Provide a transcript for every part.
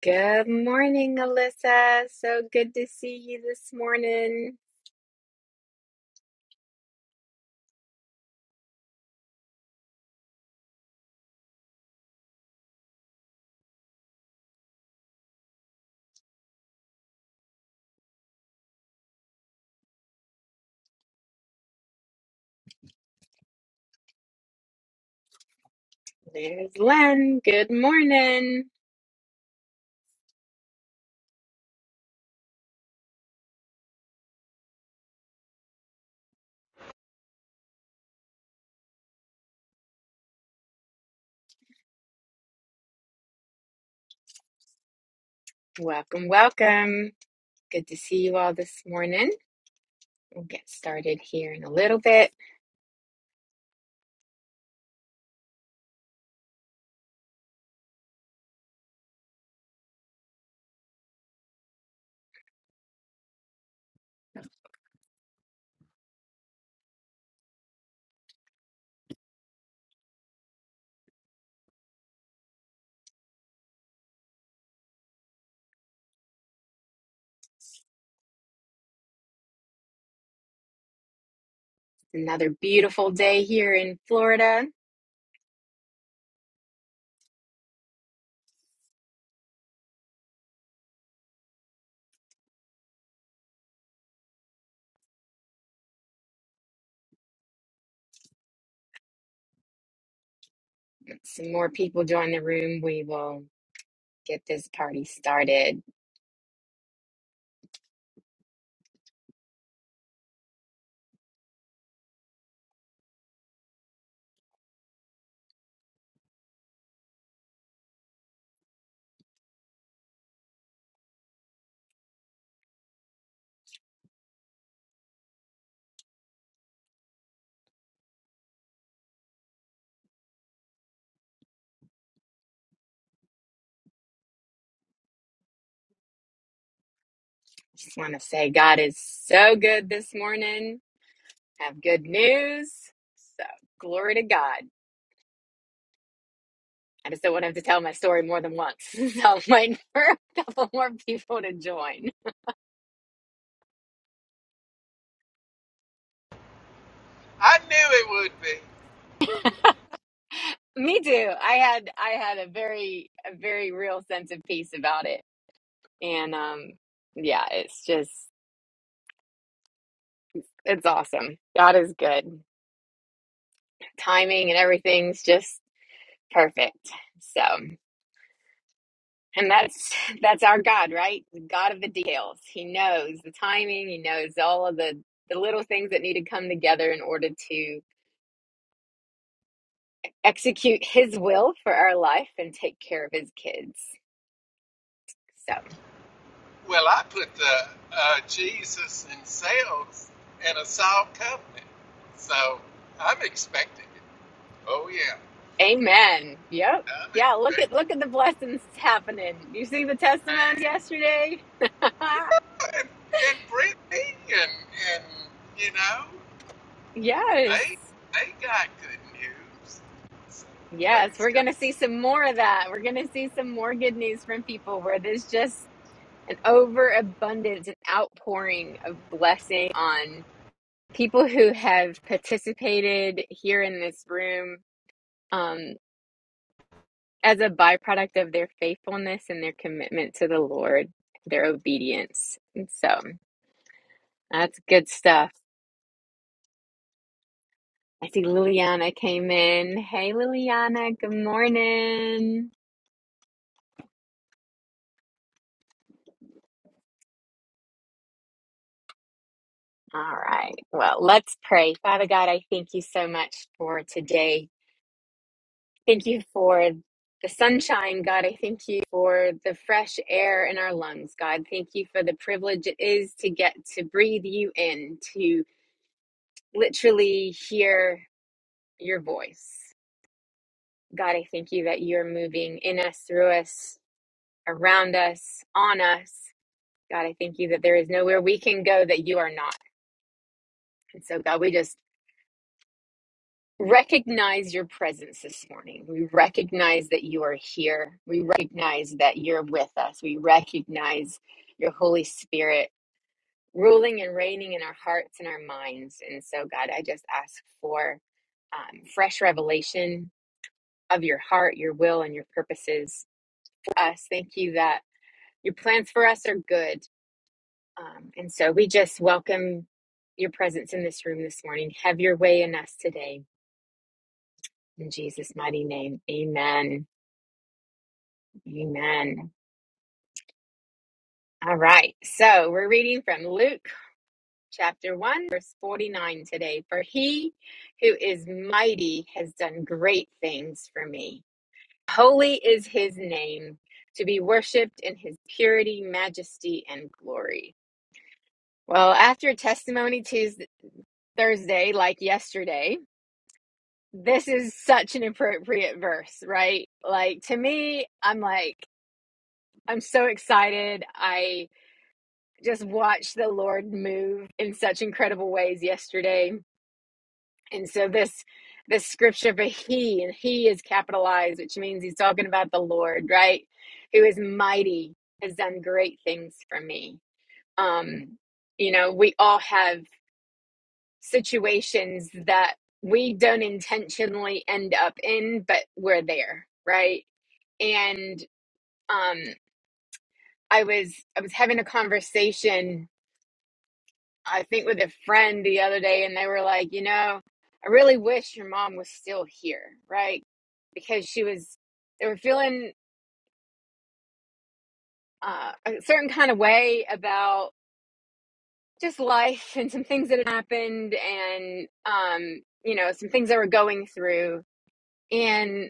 Good morning, Alyssa. So good to see you this morning. There's Len. Good morning. Welcome, welcome. Good to see you all this morning. We'll get started here in a little bit. Another beautiful day here in Florida. Some more people join the room. We will get this party started. Just want to say God is so good this morning. Have good news. So, glory to God. I just don't want to have to tell my story more than once. So I'm waiting for a couple more people to join. I knew it would be. Me too. I had I had a very a very real sense of peace about it. And um yeah, it's just it's awesome. God is good. Timing and everything's just perfect. So and that's that's our God, right? The God of the details. He knows the timing, he knows all of the the little things that need to come together in order to execute his will for our life and take care of his kids. So, Well, I put the uh, Jesus and sales in a soft covenant, so I'm expecting it. Oh yeah, amen. Yep. I'm Yeah, look at expecting look at the blessings happening. You see the it. testimonies yesterday? And, and Brittany and and you know yes. they they got good news. So Yes, praise we're God. going to see some more of that. We're going to see some more good news from people where there's just an overabundance and outpouring of blessing on people who have participated here in this room Um, as a byproduct of their faithfulness and their commitment to the Lord, their obedience. And so that's good stuff. I see Liliana came in. Hey, Liliana, good morning. All right. Well, let's pray. Father God, I thank you so much for today. Thank you for the sunshine, God. I thank you for the fresh air in our lungs, God. Thank you for the privilege it is to get to breathe you in, to literally hear your voice. God, I thank you that you're moving in us, through us, around us, on us. God, I thank you that there is nowhere we can go that you are not. And so, God, we just recognize your presence this morning. We recognize that you are here. We recognize that you're with us. We recognize your Holy Spirit ruling and reigning in our hearts and our minds. And so, God, I just ask for um, fresh revelation of your heart, your will, and your purposes for us. Thank you that. Your plans for us are good. Um, and so we just welcome your presence in this room this morning. Have your way in us today. In Jesus' mighty name, amen. Amen. All right. So we're reading from Luke chapter 1, verse 49 today. For he who is mighty has done great things for me. Holy is his name, to be worshiped in his purity, majesty, and glory. Well, after Testimony Tuesday. Thursday, like yesterday, this is such an appropriate verse, right? Like to me, I'm like, I'm so excited. I just watched the Lord move in such incredible ways yesterday. And so this this scripture for he and he is capitalized, which means he's talking about the Lord, right? Who is mighty, has done great things for me. Um, you know, we all have situations that we don't intentionally end up in but we're there right and um i was i was having a conversation i think with a friend the other day and they were like you know i really wish your mom was still here right because she was they were feeling uh, a certain kind of way about just life and some things that had happened and um you know some things they were going through and.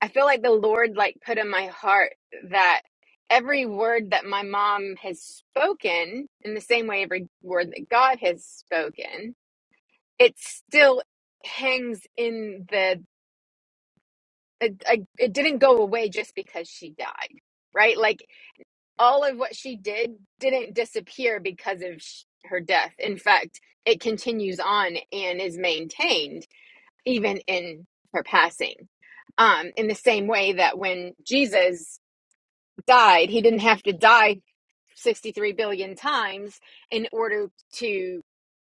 I feel like the Lord like put in my heart that every word that my mom has spoken, in the same way every word that God has spoken, it still hangs in the it, like, it didn't go away just because she died, right? Like all of what she did didn't disappear because of sh- her death. In fact, it continues on and is maintained even in her passing um, in the same way that when Jesus died. He didn't have to die 63 billion times in order to,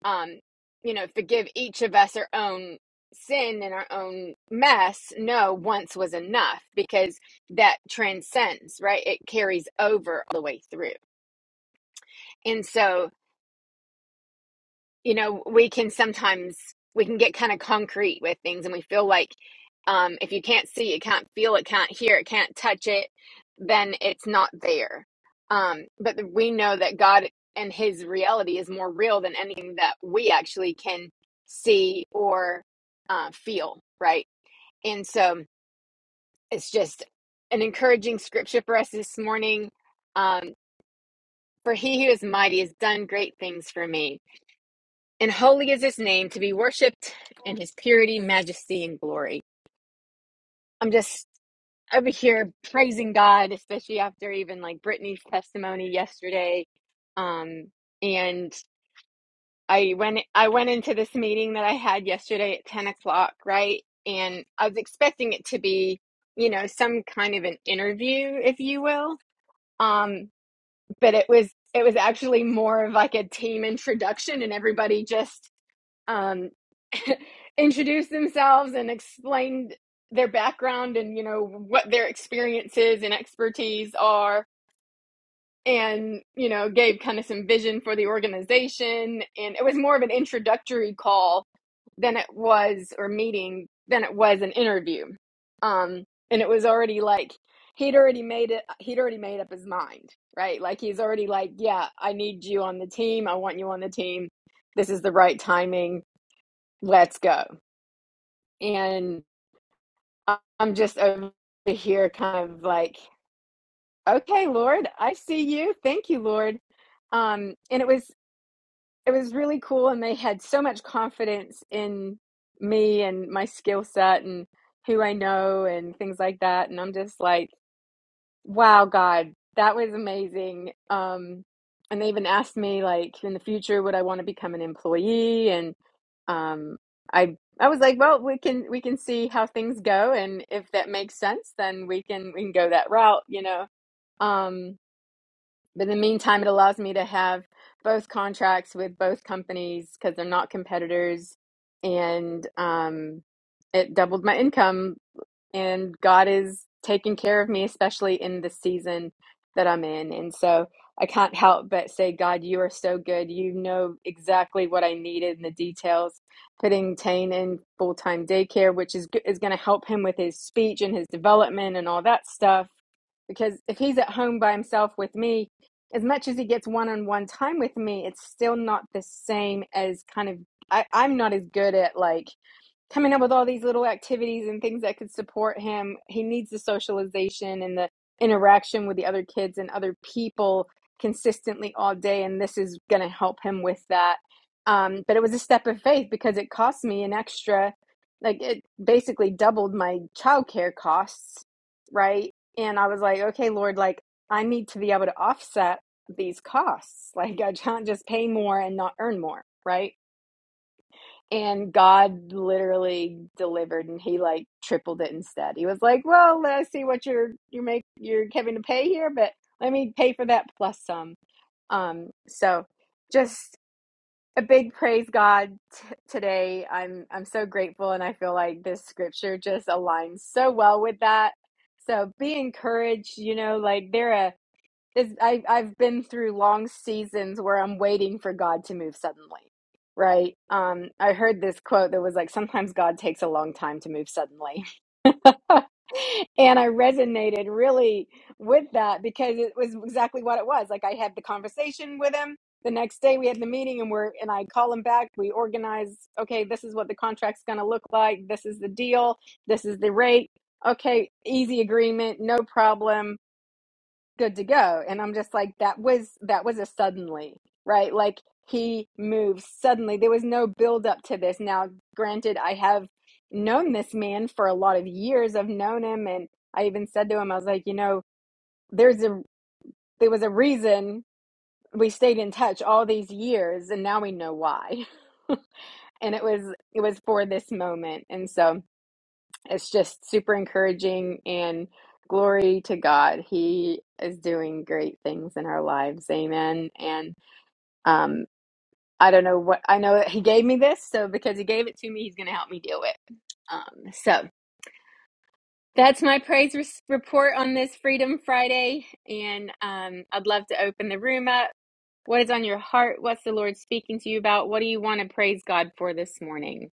um, you know, forgive each of us our own sin and our own mess. No, once was enough because that transcends, right? It carries over all the way through. And so you know we can sometimes we can get kind of concrete with things and we feel like um, if you can't see it can't feel it can't hear it can't touch it then it's not there um, but we know that god and his reality is more real than anything that we actually can see or uh, feel right and so it's just an encouraging scripture for us this morning um, for he who is mighty has done great things for me and holy is his name to be worshiped in his purity, majesty, and glory. I'm just over here praising God, especially after even like Brittany's testimony yesterday. Um, and I went I went into this meeting that I had yesterday at 10 o'clock, right? And I was expecting it to be, you know, some kind of an interview, if you will. Um, but it was it was actually more of like a team introduction and everybody just um, introduce themselves and explain their background and you know what their experiences and expertise are and you know gave kind of some vision for the organization and it was more of an introductory call than it was or meeting than it was an interview um and it was already like he'd already made it he'd already made up his mind right like he's already like yeah i need you on the team i want you on the team this is the right timing let's go. And I- am just over here kind of like, okay, Lord, I see you. Thank you, Lord. Um, and it was it was really cool and they had so much confidence in me and my skill set and who I know and things like that. And I'm just like, Wow, God, that was amazing. Um, and they even asked me like in the future, would I want to become an employee? And um, I I was like, well, we can we can see how things go, and if that makes sense, then we can we can go that route, you know. Um, but in the meantime, it allows me to have both contracts with both companies because they're not competitors, and um, it doubled my income and God is taking care of me, especially in the season that I'm in. And so I can't help but say, God, you are so good. You know exactly what I needed in the details. Putting Tane in full time daycare, which is is going to help him with his speech and his development and all that stuff. Because if he's at home by himself with me, as much as he gets one on one time with me, it's still not the same as kind of I, I'm not as good at like coming up with all these little activities and things that could support him. He needs the socialization and the interaction with the other kids and other people consistently all day, and this is going to help him with that. Um, but it was a step of faith because it cost me an extra, like it basically doubled my childcare costs, right? And I was like, okay, Lord, like I need to be able to offset these costs. Like I can't just pay more and not earn more, right? And God literally delivered and he like tripled it instead. He was like, Well, I see what you're you make you're having to pay here, but let me pay for that plus some. Um so just a big praise God t- today. I'm I'm so grateful and I feel like this scripture just aligns so well with that. So be encouraged, you know, like they're a is I I've been through long seasons where I'm waiting for God to move suddenly. Right? Um I heard this quote that was like sometimes God takes a long time to move suddenly. and I resonated really with that because it was exactly what it was. Like I had the conversation with him the next day we had the meeting and we're and I call him back, we organize, okay, this is what the contract's going to look like, this is the deal, this is the rate. Okay, easy agreement, no problem good to go and i'm just like that was that was a suddenly right like he moves suddenly there was no build up to this now granted i have known this man for a lot of years i've known him and i even said to him i was like you know there's a there was a reason we stayed in touch all these years and now we know why and it was it was for this moment and so it's just super encouraging and glory to God. He is doing great things in our lives. Amen. And um, I don't know what I know that He gave me this, so because He gave it to me, He's going to help me deal with. it. Um, so that's my praise res- report on this Freedom Friday, and um, I'd love to open the room up. What is on your heart? What's the Lord speaking to you about? What do you want to praise God for this morning?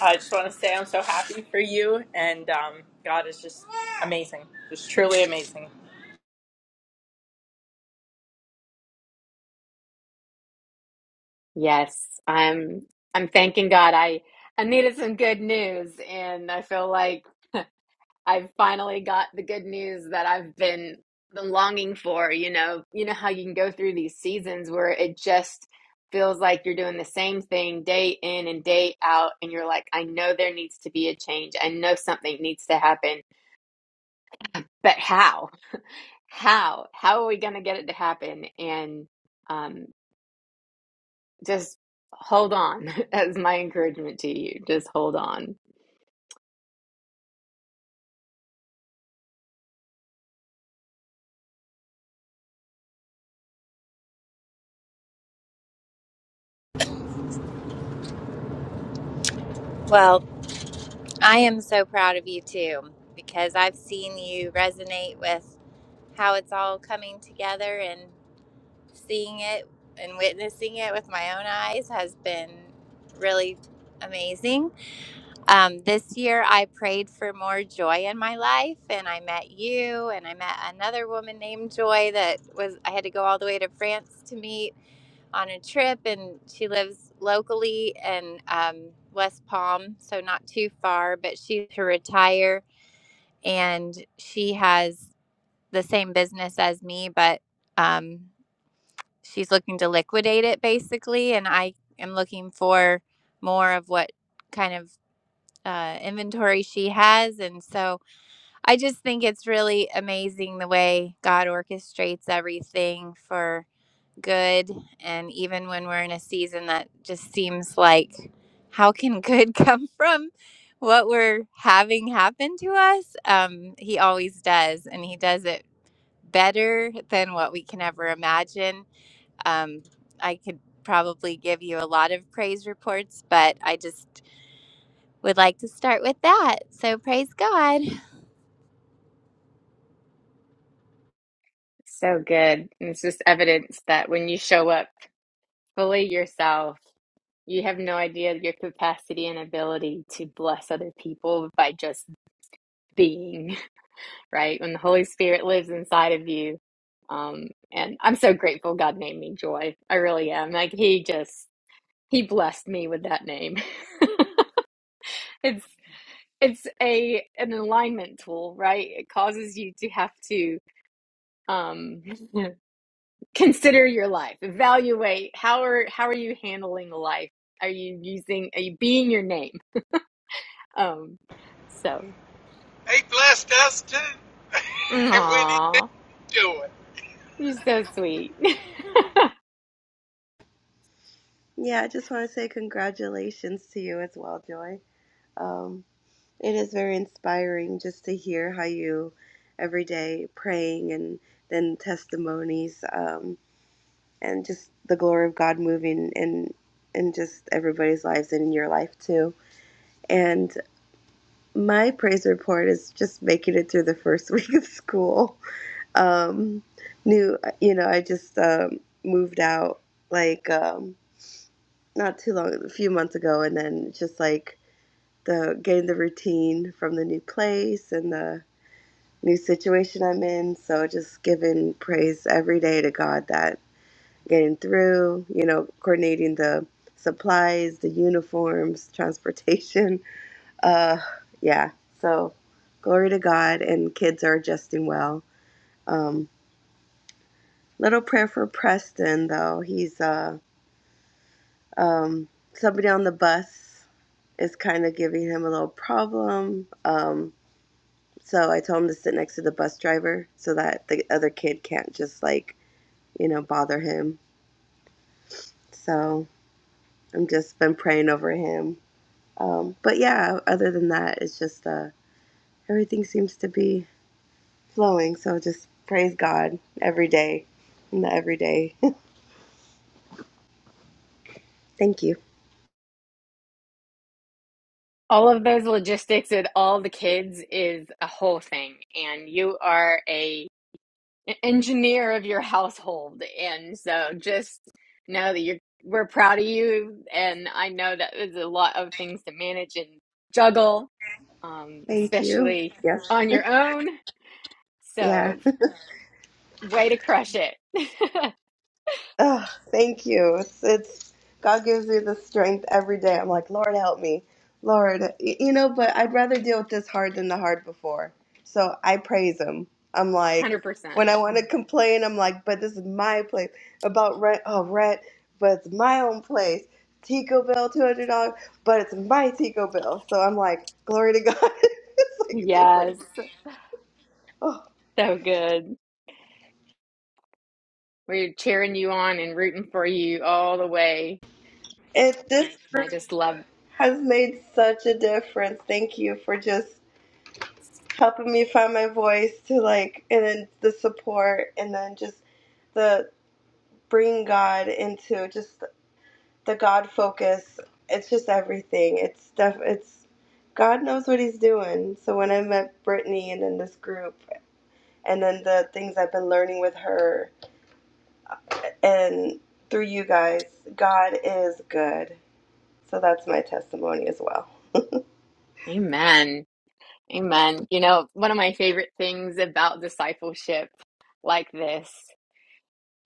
I just want to say I'm so happy for you, and um, God is just amazing, just truly amazing. Yes, I'm I'm thanking God. I I needed some good news and I feel like I've finally got the good news that I've been been longing for, you know. You know how you can go through these seasons where it just feels like you're doing the same thing day in and day out and you're like, I know there needs to be a change. I know something needs to happen, but how? How? How are we going to get it to happen? And um, Just hold on, as my encouragement to you. Just hold on. Well, I am so proud of you too because I've seen you resonate with how it's all coming together and seeing it and witnessing it with my own eyes has been really amazing. Um, this year, I prayed for more joy in my life, and I met you, and I met another woman named Joy that was I had to go all the way to France to meet on a trip, and she lives locally in um, West Palm, so not too far. But she's to retire, and she has the same business as me, but um, she's looking to liquidate it basically. And I am looking for more of what kind of uh, inventory she has, and so I just think it's really amazing the way God orchestrates everything for good and even when we're in a season that just seems like how can good come from what we're having happen to us um he always does and he does it better than what we can ever imagine um i could probably give you a lot of praise reports but i just would like to start with that so praise god So good. And it's just evidence that when you show up fully yourself, you have no idea your capacity and ability to bless other people by just being, right? When the Holy Spirit lives inside of you. Um, and I'm so grateful God named me Joy. I really am. Like, He just, He blessed me with that name. it's, it's a an alignment tool, right? It causes you to have to um, consider your life evaluate how are how are you handling life are you using are you being your name um so He blessed us too, and we need to aw, do it, you're so sweet Yeah, I just want to say congratulations to you as well, Joy. Um, it is very inspiring just to hear how you every day praying and then testimonies um, and just the glory of God moving in in just everybody's lives and in your life too. And my praise report is just making it through the first week of school. Um, new, you know, I just um, moved out like um, not too long, a few months ago, and then just like the getting the routine from the new place and the new situation I'm in. So just giving praise every day to God that getting through, you know, coordinating the supplies, the uniforms, transportation. Uh yeah. So glory to God and kids are adjusting well. Um little prayer for Preston though. He's uh um somebody on the bus is kind of giving him a little problem. Um So I told him to sit next to the bus driver so that the other kid can't just like, you know, bother him. So I'm just been praying over him. Um, but yeah, other than that, it's just uh, everything seems to be flowing. So just praise God every day, in the everyday. Thank you. all of those logistics with all the kids is a whole thing and you are a an engineer of your household and so just know that you're we're proud of you and i know that there's a lot of things to manage and juggle um, Thank you. especially Yes. on your own. Yeah. So, way to crush it. Oh, thank you. It's, it's God gives me the strength every day. I'm like, Lord, help me, Lord. Y- You know, but I'd rather deal with this hard than the hard before. So I praise Him. I'm like, 100%. when I want to complain, I'm like, but this is my place about rent. Oh, rent, but it's my own place. Tico bill, two hundred dollars, but it's my Tico bill. So I'm like, glory to God. it's like a different. Yes, Oh, so good. We're cheering you on and rooting for you all the way. it. this I just love, has made such a difference. Thank you for just helping me find my voice to like and then the support and then just the bringing god into just the god focus it's just everything it's def it's god knows what he's doing so when i met brittany and in this group and then the things i've been learning with her and through you guys god is good so that's my testimony as well it. amen. Amen. You know, one of my favorite things about discipleship like this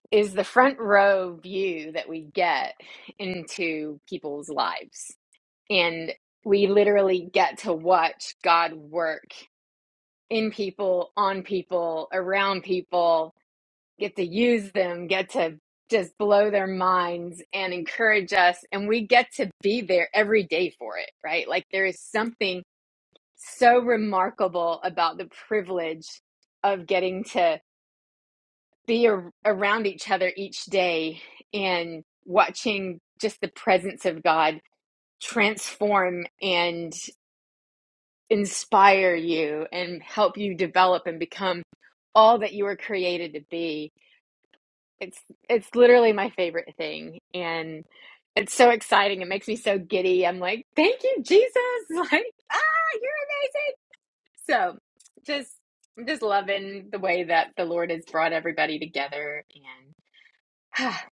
is the front row view that we get into people's lives. And we literally get to watch God work in people, on people, around people, get to use them, get to just blow their minds and encourage us. And we get to be there every day for it, right? Like there is something so remarkable about the privilege of getting to be a- around each other each day and watching just the presence of God transform and inspire you and help you develop and become all that you were created to be. It's it's literally my favorite thing and it's so exciting. It makes me so giddy. I'm like, "Thank you, Jesus." Like, "Ah, you're amazing." So, just I'm just loving the way that the Lord has brought everybody together and ah,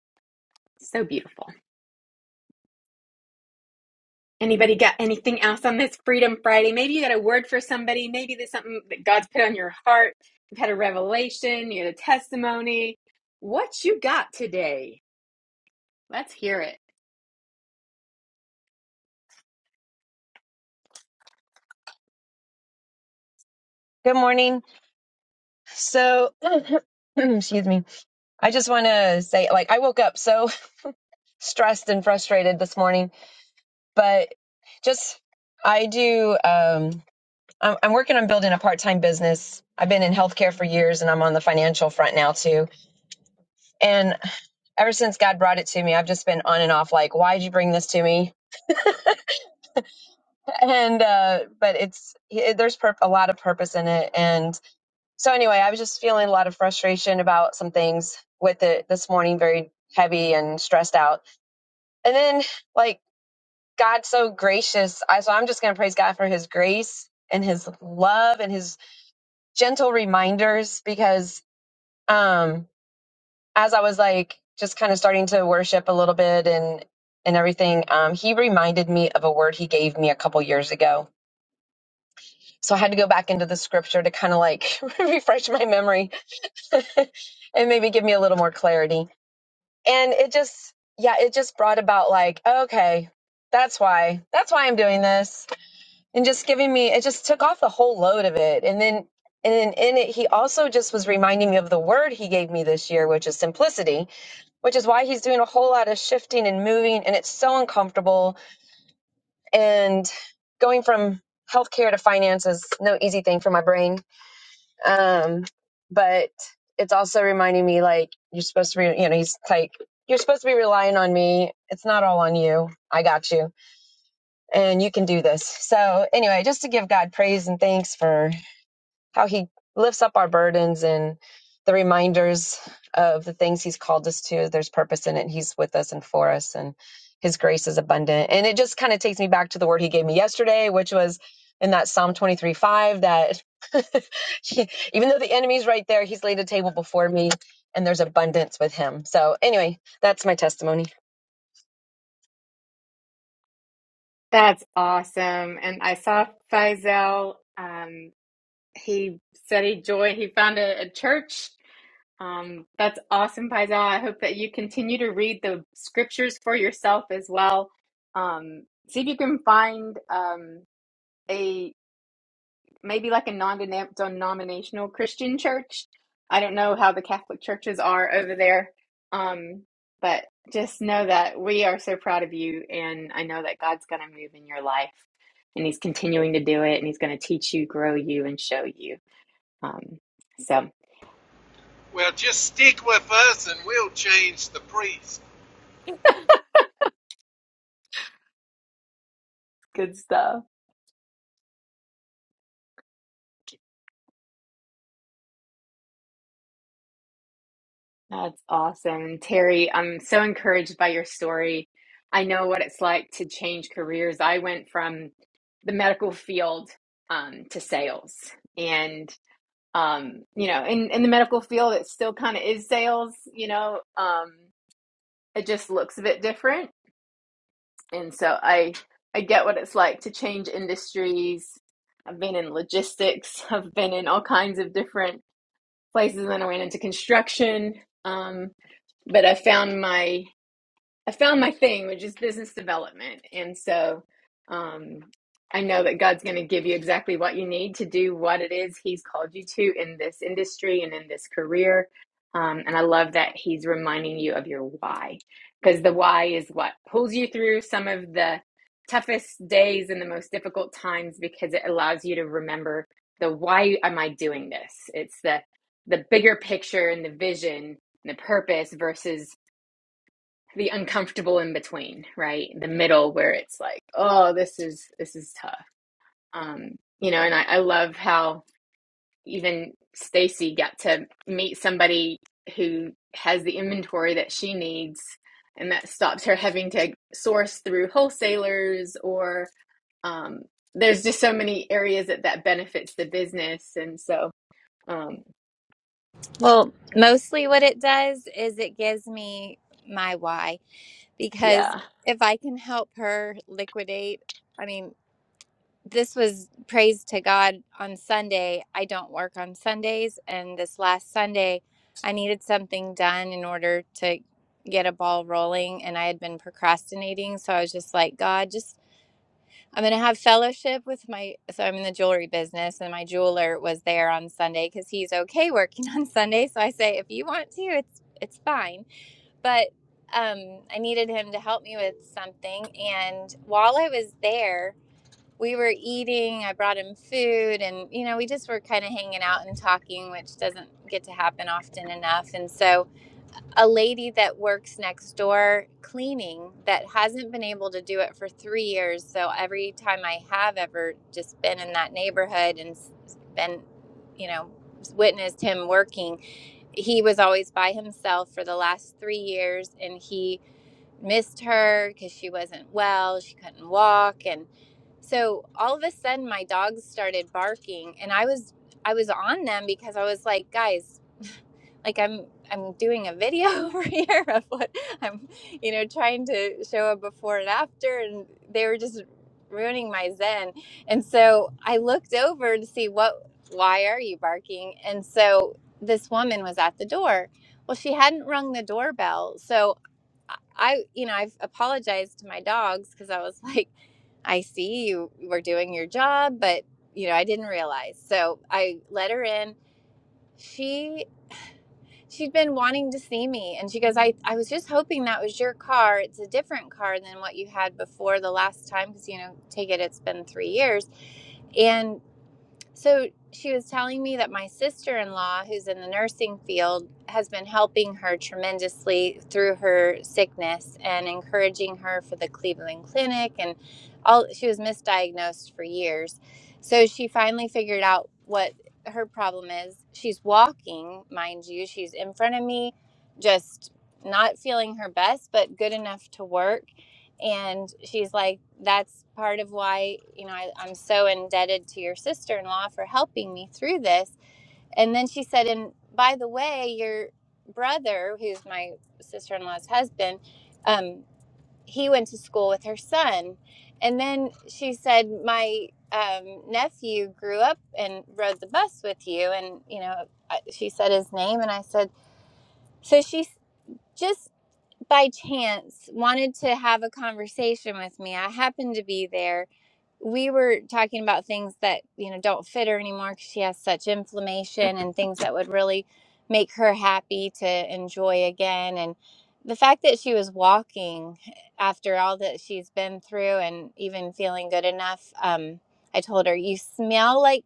so beautiful. Anybody got anything else on this Freedom Friday? Maybe you got a word for somebody. Maybe there's something that God's put on your heart. You've had a revelation, you had a testimony. What you got today? Let's hear it. Good morning. So, excuse me. I just want to say, like, I woke up so stressed and frustrated this morning, but just I do. Um, I'm, I'm working on building a part-time business. I've been in healthcare for years, and I'm on the financial front now too. And ever since God brought it to me, I've just been on and off, like, why'd you bring this to me? And uh, but it's it, there's pur- a lot of purpose in it, and so anyway, I was just feeling a lot of frustration about some things with it this morning, very heavy and stressed out. And then like God's so gracious. I so I'm just gonna praise God for his grace and his love and his gentle reminders because um as I was like just kind of starting to worship a little bit and and everything, um, he reminded me of a word he gave me a couple years ago. So I had to go back into the scripture to kind of like refresh my memory and maybe give me a little more clarity and it just yeah it just brought about like okay that's why that's why i'm doing this and just giving me it just took off the whole load of it and then and then in it he also just was reminding me of the word he gave me this year which is simplicity which is why he's doing a whole lot of shifting and moving and it's so uncomfortable and going from healthcare to finance is no easy thing for my brain um, but it's also reminding me like you're supposed to be, you know, he's like, you're supposed to be relying on me. It's not all on you. I got you. And you can do this. So anyway, just to give God praise and thanks for how he lifts up our burdens and the reminders of the things he's called us to. There's purpose in it. He's with us and for us, and his grace is abundant. And it just kind of takes me back to the word he gave me yesterday, which was in that Psalm 23 5 that even though the enemy's right there, he's laid a table before me and there's abundance with him. So, anyway, that's my testimony. That's awesome. And I saw Faisal. Um, he said he joined, he found a, a church. Um, that's awesome, Faisal. I hope that you continue to read the scriptures for yourself as well. Um, see if you can find um, a maybe like a non-denominational Christian church. I don't know how the Catholic churches are over there, um, but just know that we are so proud of you, and I know that God's going to move in your life, and He's continuing to do it, and He's going to teach you, grow you, and show you. Um, so well, just stick with us, and we'll change the priest. good stuff. That's awesome, Terry. I'm so encouraged by your story. I know what it's like to change careers. I went from the medical field um, to sales. and um you know in in the medical field it still kind of is sales you know um it just looks a bit different and so i i get what it's like to change industries i've been in logistics i've been in all kinds of different places and then i went into construction um but i found my I found my thing, which is business development. And so um, I know that God's going to give you exactly what you need to do what it is He's called you to in this industry and in this career. Um, and I love that He's reminding you of your why, because the why is what pulls you through some of the toughest days and the most difficult times because it allows you to remember the why am I doing this? It's the the bigger picture and the vision and the purpose versus the uncomfortable in between, right? The middle where it's like, oh, this is this is tough. Um, you know, and I, I love how even Stacy got to meet somebody who has the inventory that she needs and that stops her having to source through wholesalers or um, there's just so many areas that that benefits the business and so um, well mostly what it does is it gives me my why yeah because if I can help her liquidate, I mean, this was praise to God on Sunday. I don't work on Sundays. And this last Sunday, I needed something done in order to get a ball rolling. And I had been procrastinating. So I was just like, God, just, I'm going to have fellowship with my. So I'm in the jewelry business, and my jeweler was there on Sunday because he's okay working on Sunday. So I say, if you want to, it's, it's fine but um, I needed him to help me with something. And while I was there, we were eating. I brought him food, and you know, we just were kind of hanging out and talking, which doesn't get to happen often enough. And so, a lady that works next door cleaning that hasn't been able to do it for three years. So, every time I have ever just been in that neighborhood and been, you know, witnessed him working, he was always by himself for the last three years and he missed her because she wasn't well she couldn't walk and so all of a sudden my dogs started barking and i was i was on them because i was like guys like I'm I'm doing a video over here of what I'm you know trying to show a before and after and they were just ruining my zen. And so I looked over to see what why are you barking? And so this woman was at the door. Well, she hadn't rung the doorbell. So I you know, I've apologized to my dogs cuz I was like I see you were doing your job, but you know, I didn't realize. So I let her in. She she'd been wanting to see me and she goes I, I was just hoping that was your car it's a different car than what you had before the last time because you know take it it's been three years and." So she was telling me that my sister in law, who's in the nursing field, has been helping her tremendously through her sickness and encouraging her for the Cleveland Clinic. And all she was misdiagnosed for years. So she finally figured out what her problem is. She's walking, mind you, she's in front of me, just not feeling her best, but good enough to work. And she's like, that's part of why, you know, I, I'm so indebted to your sister in law for helping me through this. And then she said, and by the way, your brother, who's my sister in law's husband, um, he went to school with her son. And then she said, my um, nephew grew up and rode the bus with you. And, you know, I- she said his name. And I said, so she s- just by chance wanted to have a conversation with me. I happened to be there we were talking about things that you know don't fit her anymore because she has such inflammation and things that would really make her happy to enjoy again and the fact that she was walking after all that she's been through and even feeling good enough um, i told her you smell like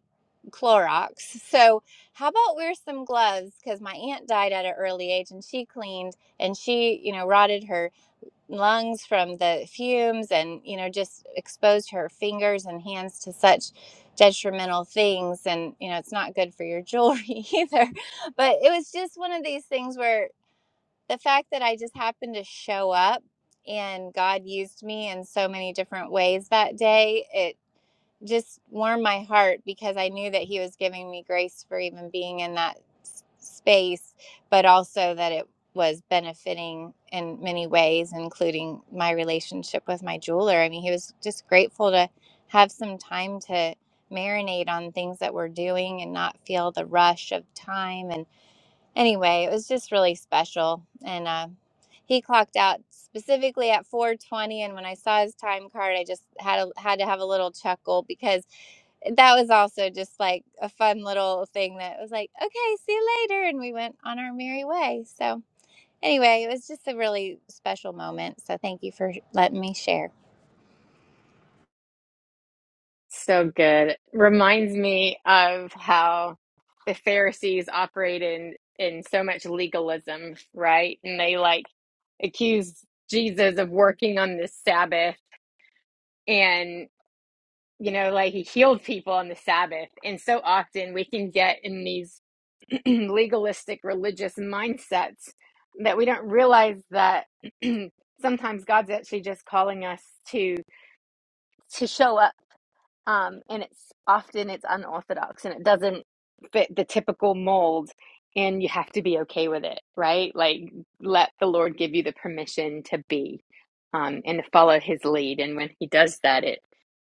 Clorox. So, how about wear some gloves? Because my aunt died at an early age and she cleaned and she, you know, rotted her lungs from the fumes and you know just exposed her fingers and hands to such detrimental things and you know it's not good for your jewelry either but it was just one of these things where the fact that I just happened to show up and God used me in so many different ways that day It just warmed my heart because I knew that he was giving me grace for even being in that s- space, but also that it was benefiting in many ways, including my relationship with my jeweler. I mean, he was just grateful to have some time to marinate on things that we're doing and not feel the rush of time anyway, it was just really special. And uh, he clocked out specifically at 4:20. And when I saw his time card, I just had a, had to have a little chuckle because that was also just like a fun little thing that was like, okay, see you later, and we went on our merry way. So anyway, it was just a really special moment. So thank you for letting me share. So good. Reminds me of how the Pharisees operate in in so much legalism, right? And they like accuse Jesus of working on the Sabbath and you know, like he healed people on the Sabbath. And so often we can get in these legalistic religious mindsets that we don't realize that sometimes God's actually just calling us to to show up um, and it's often it's unorthodox and it doesn't fit the typical mold and you have to be okay with it right like let the lord give you the permission to be um, and to follow his lead and when he does that it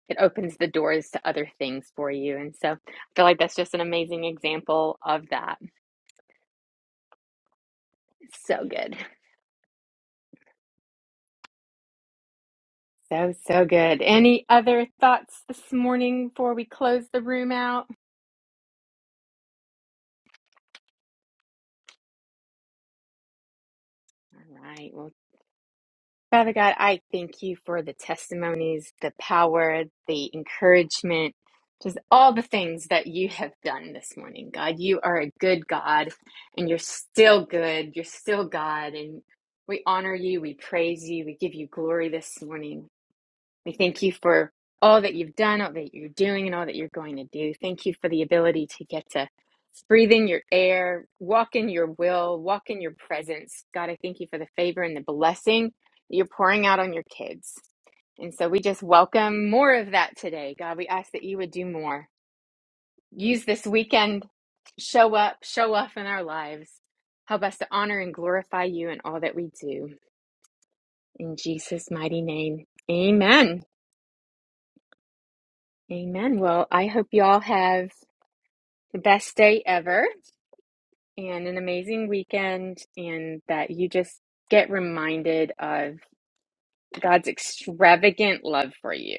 it opens the doors to other things for you and so i feel like that's just an amazing example of that so good so so good any other thoughts this morning before we close the room out all right Well. Father God, I thank you for the testimonies, the power, the encouragement, just all the things that you have done this morning. God, you are a good God and you're still good. You're still God. And we honor you. We praise you. We give you glory this morning. We thank you for all that you've done, all that you're doing, and all that you're going to do. Thank you for the ability to get to breathe in your air, walk in your will, walk in your presence. God, I thank you for the favor and the blessing that you're pouring out on your kids. And so we just welcome more of that today. God, we ask that you would do more. Use this weekend, show up, show off in our lives. Help us to honor and glorify you in all that we do. In Jesus' mighty name, amen. Amen. Well, I hope you all have the best day ever and an amazing weekend, and that you just get reminded of God's extravagant love for you.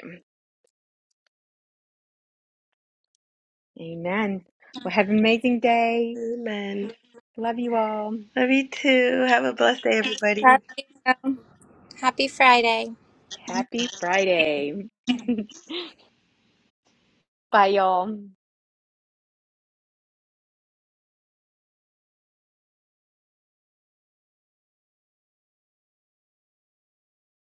Amen. Well, have an amazing day. amen Love you all. love you too have a blessed day everybody Love you. Happy Friday. Happy Friday. Bye, y'all.